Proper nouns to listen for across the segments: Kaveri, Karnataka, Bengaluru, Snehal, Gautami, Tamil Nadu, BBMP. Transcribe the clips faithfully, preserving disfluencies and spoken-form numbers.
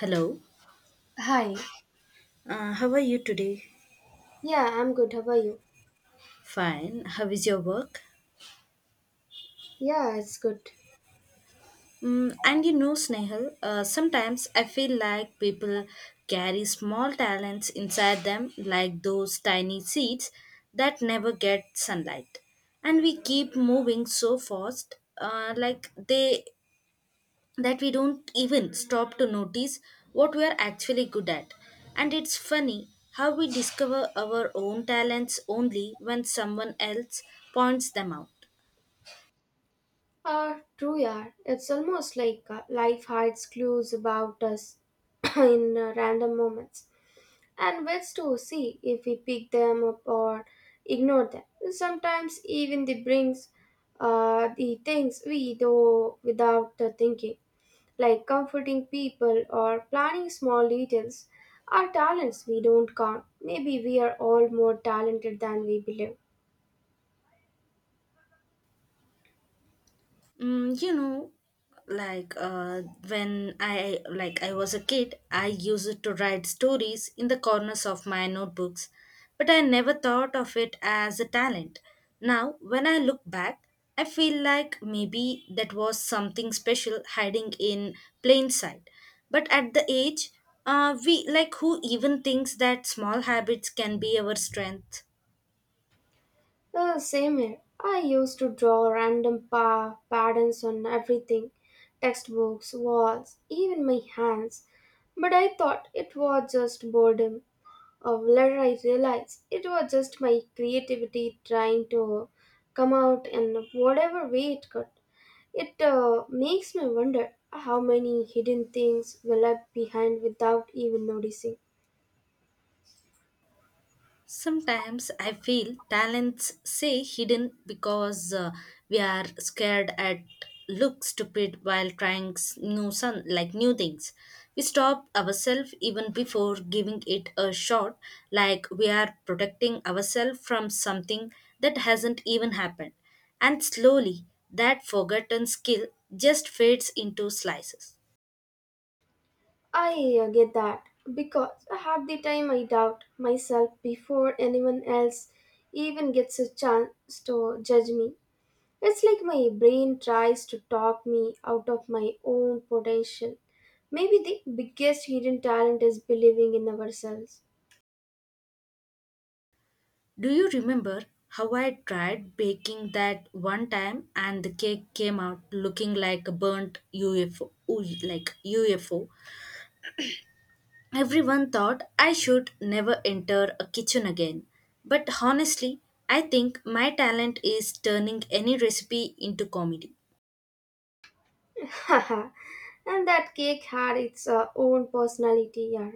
Hello, Hi. uh, how are you today? Yeah, I'm good. How are you? Fine, how is your work? Yeah, it's good. Mm, and you know, Snehal, uh, sometimes I feel like people carry small talents inside them, like those tiny seeds that never get sunlight. And we keep moving so fast, uh, like they that we don't even stop to notice what we are actually good at. And it's funny how we discover our own talents only when someone else points them out. Uh, true, yeah. It's almost like uh, life hides clues about us in uh, random moments. And ways to see if we pick them up or ignore them. Sometimes even they brings uh, the things we do without uh, thinking, like comforting people or planning small details, are talents we don't count. Maybe we are all more talented than we believe. Mm, you know, like uh, when I like I was a kid, I used to write stories in the corners of my notebooks, but I never thought of it as a talent. Now, when I look back, I feel like maybe that was something special hiding in plain sight. But at the age, uh, we like who even thinks that small habits can be our strength? Uh, same here. I used to draw random pa- patterns on everything, textbooks, walls, even my hands. But I thought it was just boredom. Or later I realized it was just my creativity trying to come out in whatever way it could. It uh, makes me wonder how many hidden things we left behind without even noticing. Sometimes I feel talents say hidden because uh, we are scared at look stupid while trying s- new sun like new things. We stop ourselves even before giving it a shot, like we are protecting ourselves from something that hasn't even happened. And slowly, that forgotten skill just fades into slices. I uh, get that because half the time I doubt myself before anyone else even gets a chance to judge me. It's like my brain tries to talk me out of my own potential. Maybe the biggest hidden talent is believing in ourselves. Do you remember how I tried baking that one time and the cake came out looking like a burnt U F O? Ooh, like U F O. Everyone thought I should never enter a kitchen again. But honestly, I think my talent is turning any recipe into comedy. And that cake had its uh, own personality, yeah.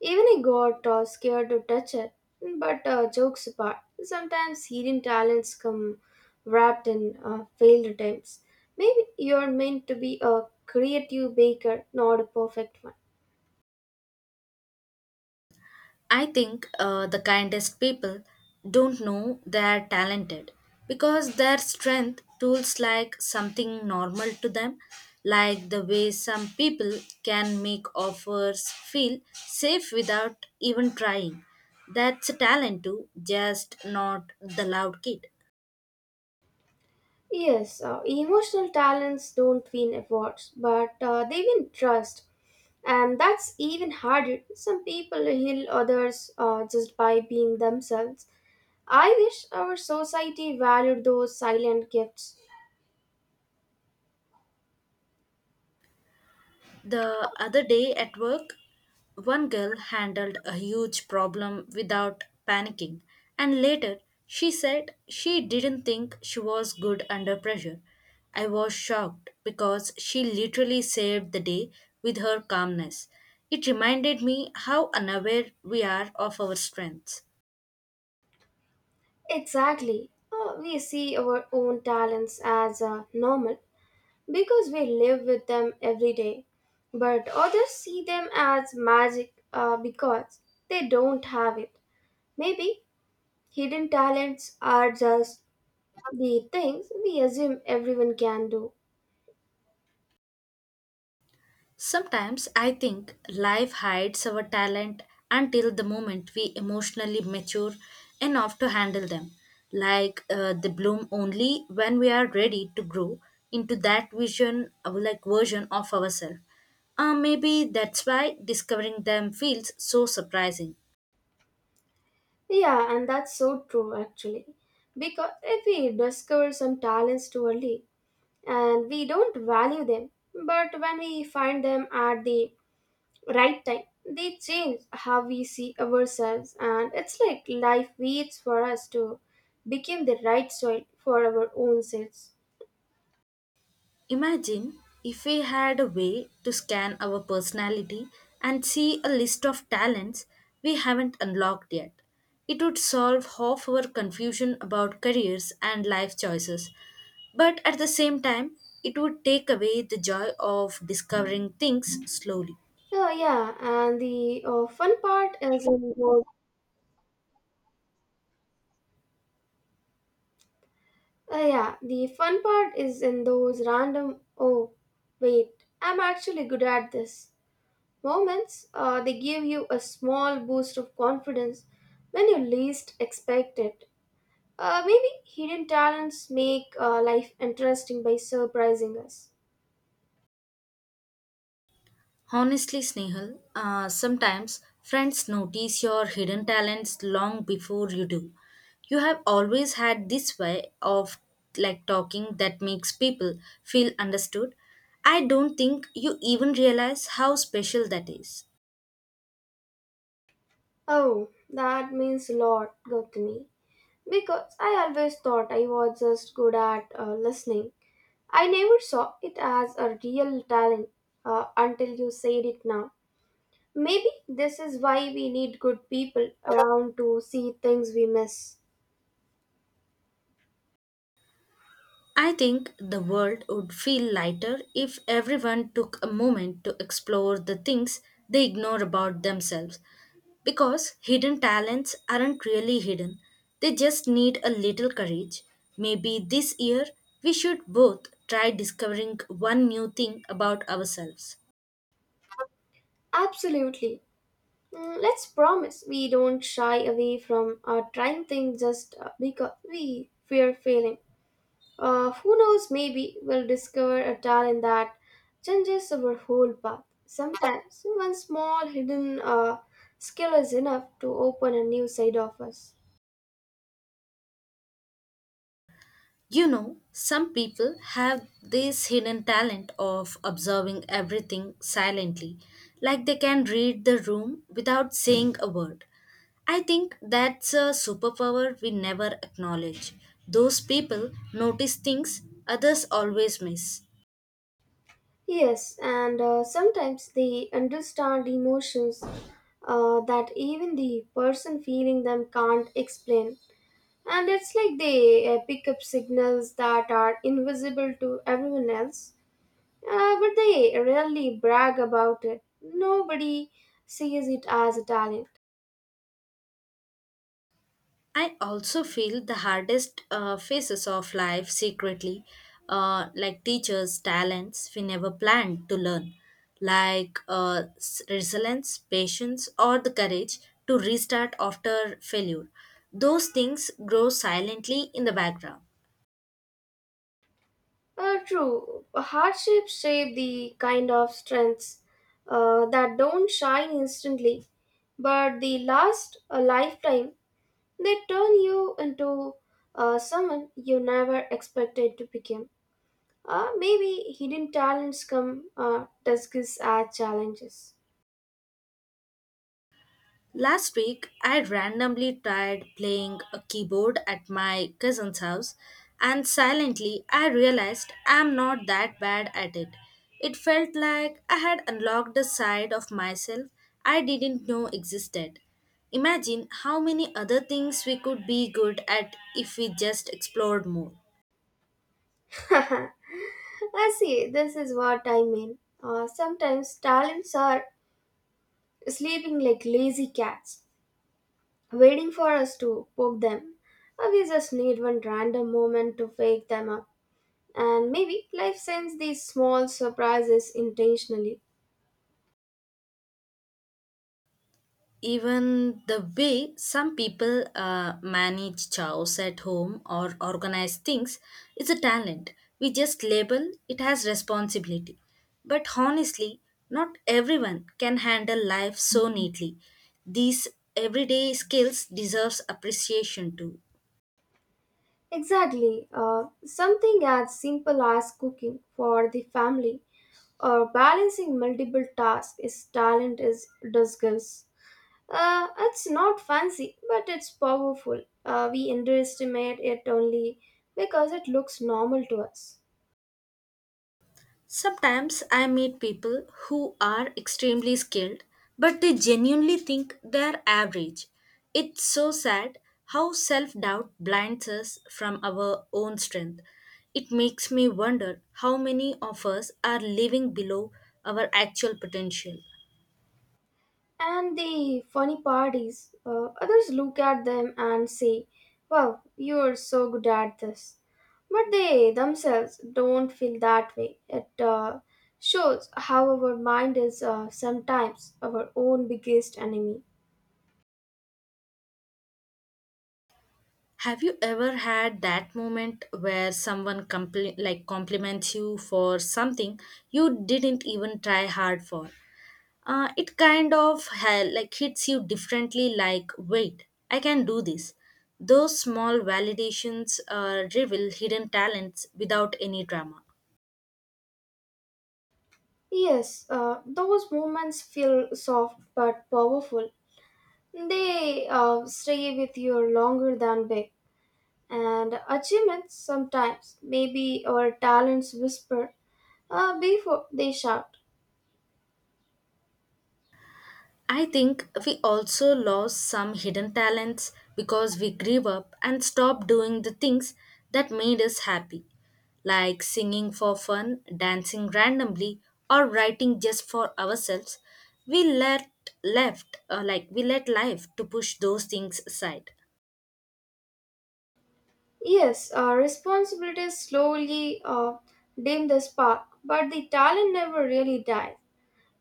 Even I got uh, scared to touch her. But uh, jokes apart, sometimes hidden talents come wrapped in uh, failed attempts. Maybe you're meant to be a creative baker, not a perfect one. I think uh, the kindest people don't know they are talented because their strength tools like something normal to them, like the way some people can make offers feel safe without even trying. That's a talent too, just not the loud kid. Yes, uh, emotional talents don't win awards, but uh, they win trust. And that's even harder. Some people heal others uh, just by being themselves. I wish our society valued those silent gifts. The other day at work, one girl handled a huge problem without panicking, and later she said she didn't think she was good under pressure. I was shocked because she literally saved the day with her calmness. It reminded me how unaware we are of our strengths. Exactly. Uh, we see our own talents as uh, normal because we live with them every day. But others see them as magic uh, because they don't have it. Maybe hidden talents are just the things we assume everyone can do. Sometimes I think life hides our talent until the moment we emotionally mature enough to handle them. Like uh, they bloom only when we are ready to grow into that vision, uh, like version of ourselves. Uh, maybe that's why discovering them feels so surprising. Yeah, and that's so true actually. Because if we discover some talents too early and we don't value them, but when we find them at the right time, they change how we see ourselves, and it's like life waits for us to become the right soil for our own selves. Imagine if we had a way to scan our personality and see a list of talents we haven't unlocked yet. It would solve half our confusion about careers and life choices. But at the same time, it would take away the joy of discovering things slowly. Oh yeah, and the uh, fun part is in those, uh, yeah the fun part is in those random, oh wait, I'm actually good at this moments. Uh, they give you a small boost of confidence when you least expect it. Uh, maybe hidden talents make uh, life interesting by surprising us. Honestly, Snehal, uh, sometimes friends notice your hidden talents long before you do. You have always had this way of like talking that makes people feel understood. I don't think you even realize how special that is. Oh, that means a lot, Gautami. Because I always thought I was just good at uh, listening. I never saw it as a real talent uh, until you said it now. Maybe this is why we need good people around to see things we miss. I think the world would feel lighter if everyone took a moment to explore the things they ignore about themselves. Because hidden talents aren't really hidden, they just need a little courage. Maybe this year we should both try discovering one new thing about ourselves. Absolutely. Mm, let's promise we don't shy away from uh, trying things just uh, because we fear failing. Uh, who knows, maybe we'll discover a talent that changes our whole path. Sometimes, one small hidden uh, skill is enough to open a new side of us. You know, some people have this hidden talent of observing everything silently, like they can read the room without saying a word. I think that's a superpower we never acknowledge. Those people notice things others always miss. Yes, and uh, sometimes they understand emotions uh, that even the person feeling them can't explain. And it's like they uh, pick up signals that are invisible to everyone else. Uh, but they rarely brag about it. Nobody sees it as a talent. I also feel the hardest uh, phases of life secretly, uh, like teachers' talents we never planned to learn, like uh, s- resilience, patience, or the courage to restart after failure. Those things grow silently in the background. Uh, true, hardships shape the kind of strengths uh, that don't shine instantly, but they last a lifetime. They turn you into uh, someone you never expected to become. Uh, maybe hidden talents come uh, disguised as challenges. Last week, I randomly tried playing a keyboard at my cousin's house, and silently I realized I'm not that bad at it. It felt like I had unlocked a side of myself I didn't know existed. Imagine how many other things we could be good at if we just explored more. I see, this is what I mean. Uh, sometimes talents are sleeping like lazy cats, waiting for us to poke them. Or we just need one random moment to wake them up. And maybe life sends these small surprises intentionally. Even the way some people uh, manage chores at home or organize things is a talent. We just label it as responsibility. But honestly, not everyone can handle life so neatly. These everyday skills deserves appreciation too. Exactly, uh, something as simple as cooking for the family or balancing multiple tasks is talent is disguise. Uh, it's not fancy, but it's powerful. Uh, we underestimate it only because it looks normal to us. Sometimes I meet people who are extremely skilled, but they genuinely think they're average. It's so sad how self doubt blinds us from our own strength. It makes me wonder how many of us are living below our actual potential. And the funny part is, uh, others look at them and say, "Wow, you're so good at this." But they themselves don't feel that way. It uh, shows how our mind is uh, sometimes our own biggest enemy. Have you ever had that moment where someone compli- like compliments you for something you didn't even try hard for? Uh, it kind of hell like hits you differently, like wait, I can do this. Those small validations uh, reveal hidden talents without any drama. Yes, uh, those moments feel soft but powerful. They uh, stay with you longer than big. And achievements sometimes, maybe our talents whisper uh, before they shout. I think we also lost some hidden talents because we grew up and stopped doing the things that made us happy, like singing for fun, dancing randomly, or writing just for ourselves. We let left uh, like we let life to push those things aside. Yes, uh, responsibilities slowly uh, dim the spark, but the talent never really dies.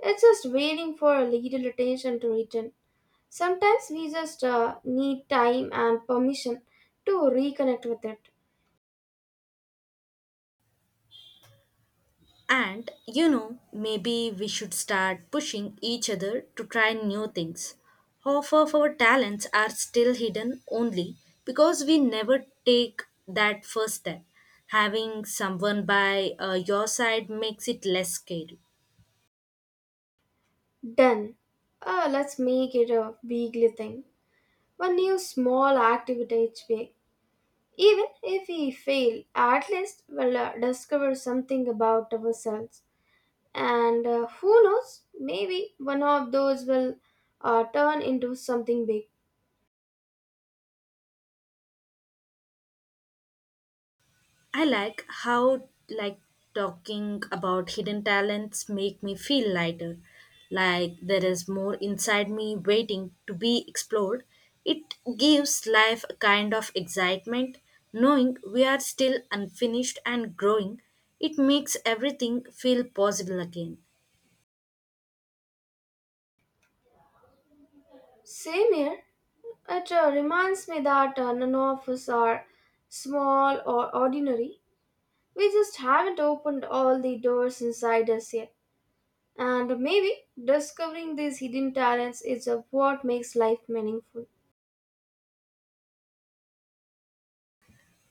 It's just waiting for a little attention to return. Sometimes we just uh, need time and permission to reconnect with it. And you know, maybe we should start pushing each other to try new things. Half of our talents are still hidden only because we never take that first step. Having someone by uh, your side makes it less scary. Done. Uh, let's make it a weekly thing. One new small activity each week. Even if we fail, at least we'll uh, discover something about ourselves. And uh, who knows, maybe one of those will uh, turn into something big. I like how like talking about hidden talents make me feel lighter. Like there is more inside me waiting to be explored. It gives life a kind of excitement knowing we are still unfinished and growing. It makes everything feel possible again. Same here, it uh, reminds me that uh, none of us are small or ordinary. We just haven't opened all the doors inside us yet. And maybe discovering these hidden talents is uh, what makes life meaningful.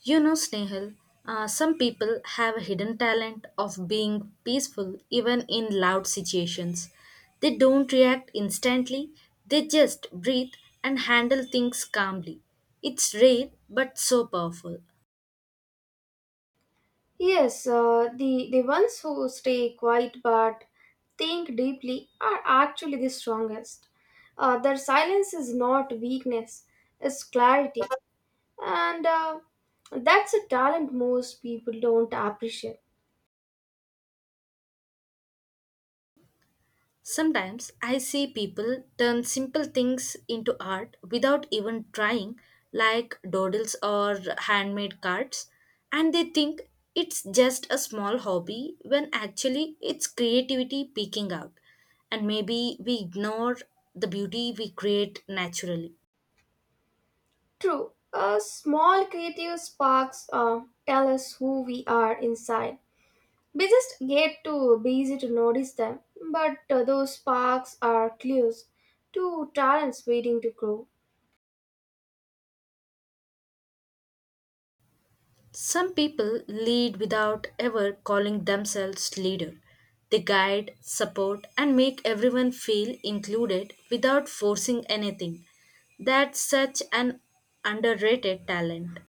You know, Snehal, uh, some people have a hidden talent of being peaceful even in loud situations. They don't react instantly, they just breathe and handle things calmly. It's rare but so powerful. Yes, uh, the, the ones who stay quiet but think deeply are actually the strongest. Uh, their silence is not weakness, it's clarity. And uh, that's a talent most people don't appreciate. Sometimes I see people turn simple things into art without even trying, like doodles or handmade cards, and they think it's just a small hobby when actually it's creativity peeking out. And maybe we ignore the beauty we create naturally. True, uh, small creative sparks uh, tell us who we are inside. We just get too busy to notice them, but uh, those sparks are clues to talents waiting to grow. Some people lead without ever calling themselves leader. They guide, support, and make everyone feel included without forcing anything. That's such an underrated talent.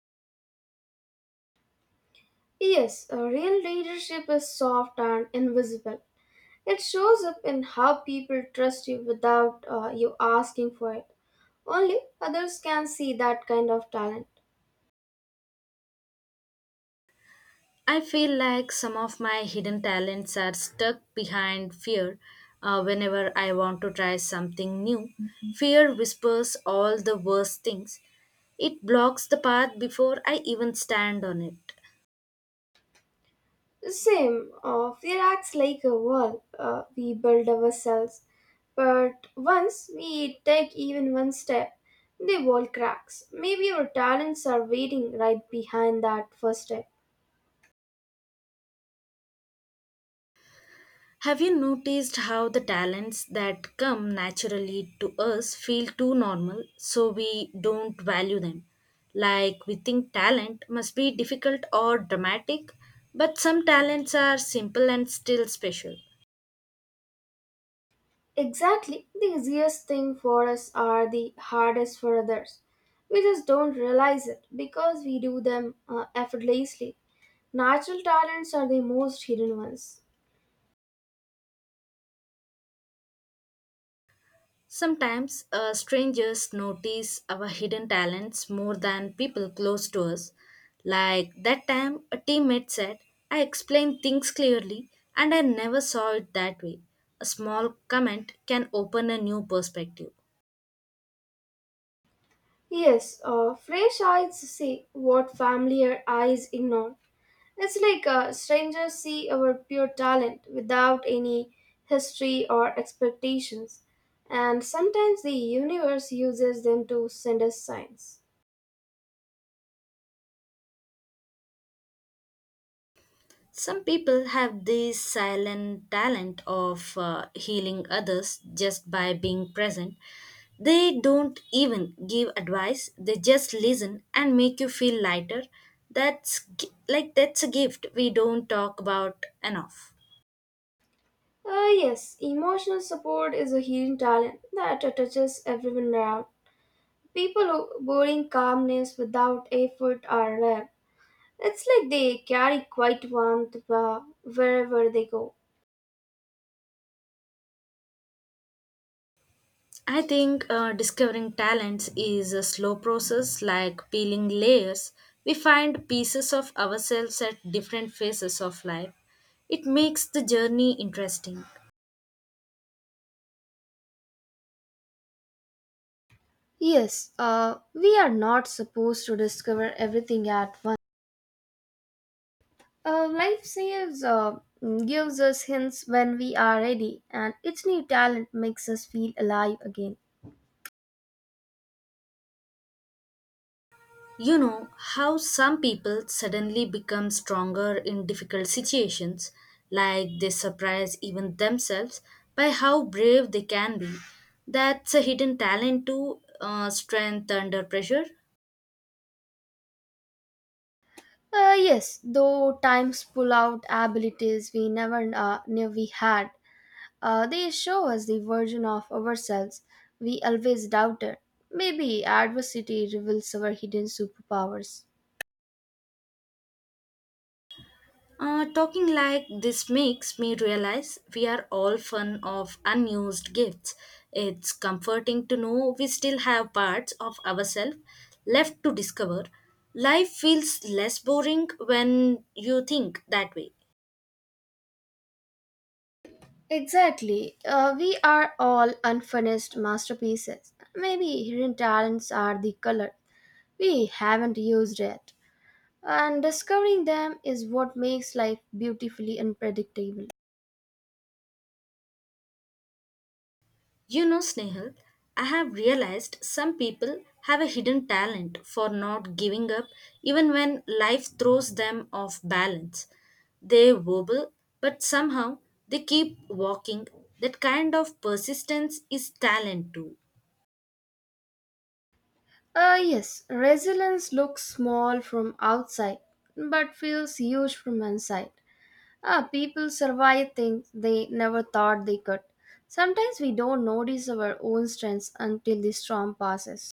Yes, a real leadership is soft and invisible. It shows up in how people trust you without uh, you asking for it. Only others can see that kind of talent. I feel like some of my hidden talents are stuck behind fear. Uh, whenever I want to try something new, fear whispers all the worst things. It blocks the path before I even stand on it. Same, uh, fear acts like a wall. Uh, we build ourselves. But once we take even one step, the wall cracks. Maybe our talents are waiting right behind that first step. Have you noticed how the talents that come naturally to us feel too normal, so we don't value them? Like we think talent must be difficult or dramatic, but some talents are simple and still special. Exactly, the easiest thing for us are the hardest for others. We just don't realize it because we do them uh, effortlessly. Natural talents are the most hidden ones. Sometimes uh, strangers notice our hidden talents more than people close to us. Like that time, a teammate said, I explain things clearly, and I never saw it that way. A small comment can open a new perspective. Yes, uh, fresh eyes see what familiar eyes ignore. It's like uh, strangers see our pure talent without any history or expectations, and sometimes the universe uses them to send us signs. Some people have this silent talent of uh, healing others just by being present. They don't even give advice, they just listen and make you feel lighter. That's gi- like that's a gift we don't talk about enough. Uh, yes, emotional support is a hidden talent that touches everyone around. People who boring calmness without effort are rare. It's like they carry quiet warmth uh, wherever they go. I think uh, discovering talents is a slow process like peeling layers. We find pieces of ourselves at different phases of life. It makes the journey interesting. Yes, uh, we are not supposed to discover everything at once. Uh, life saves, uh, gives us hints when we are ready, and each new talent makes us feel alive again. You know how some people suddenly become stronger in difficult situations, like they surprise even themselves by how brave they can be. That's a hidden talent to uh, strength under pressure. Uh, yes, though times pull out abilities we never uh, knew we had, uh, they show us the version of ourselves we always doubted. Maybe adversity reveals our hidden superpowers. Uh, talking like this makes me realize we are all fun of unused gifts. It's comforting to know we still have parts of ourselves left to discover. Life feels less boring when you think that way. Exactly. Uh, we are all unfinished masterpieces. Maybe hidden talents are the color we haven't used yet. And discovering them is what makes life beautifully unpredictable. You know, Snehal, I have realized some people have a hidden talent for not giving up even when life throws them off balance. They wobble, but somehow they keep walking. That kind of persistence is talent too. Ah, yes, resilience looks small from outside but feels huge from inside. Ah, people survive things they never thought they could. Sometimes we don't notice our own strengths until the storm passes.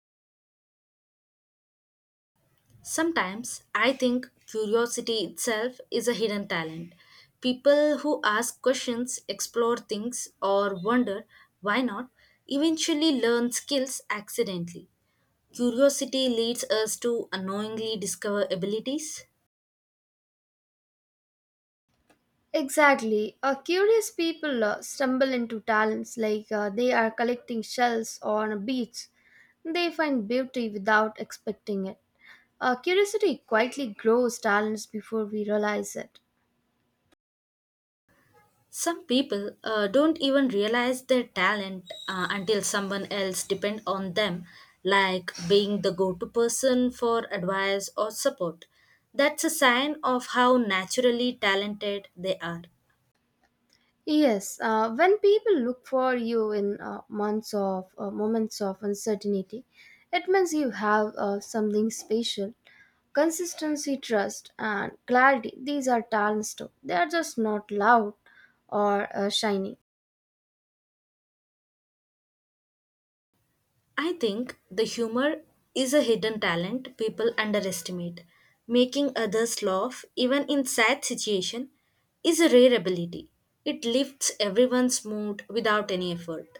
Sometimes I think curiosity itself is a hidden talent. People who ask questions, explore things, or wonder why not eventually learn skills accidentally. Curiosity leads us to unknowingly discover abilities. Exactly. Uh, curious people uh, stumble into talents like uh, they are collecting shells on a beach. They find beauty without expecting it. Uh, curiosity quietly grows talents before we realize it. Some people uh, don't even realize their talent uh, until someone else depends on them, like being the go to person for advice or support. That's a sign of how naturally talented they are. Yes, uh, when people look for you in uh, months of uh, moments of uncertainty, it means you have uh, something special. Consistency, trust, and clarity. These are talents too. They are just not loud or uh, shiny. I think the humor is a hidden talent people underestimate. Making others laugh, even in sad situation, is a rare ability. It lifts everyone's mood without any effort.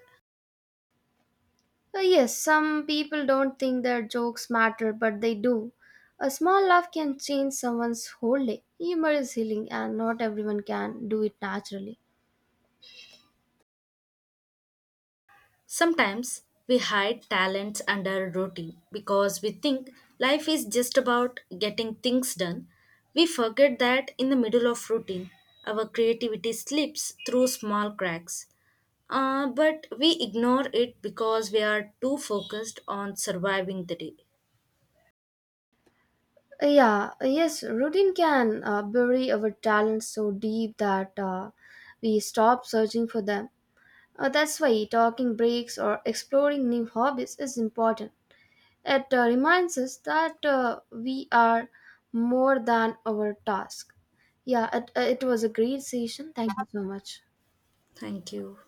Uh, yes, some people don't think their jokes matter, but they do. A small laugh can change someone's whole day. Humor is healing, and not everyone can do it naturally. Sometimes we hide talents under routine because we think life is just about getting things done. We forget that in the middle of routine, our creativity slips through small cracks. Uh, but we ignore it because we are too focused on surviving the day. Uh, Yeah, uh, yes, routine can uh, bury our talents so deep that uh, we stop searching for them. Uh, that's why talking breaks or exploring new hobbies is important. It uh, reminds us that uh, we are more than our task. Yeah, it, uh, it was a great session. Thank you so much. Thank you.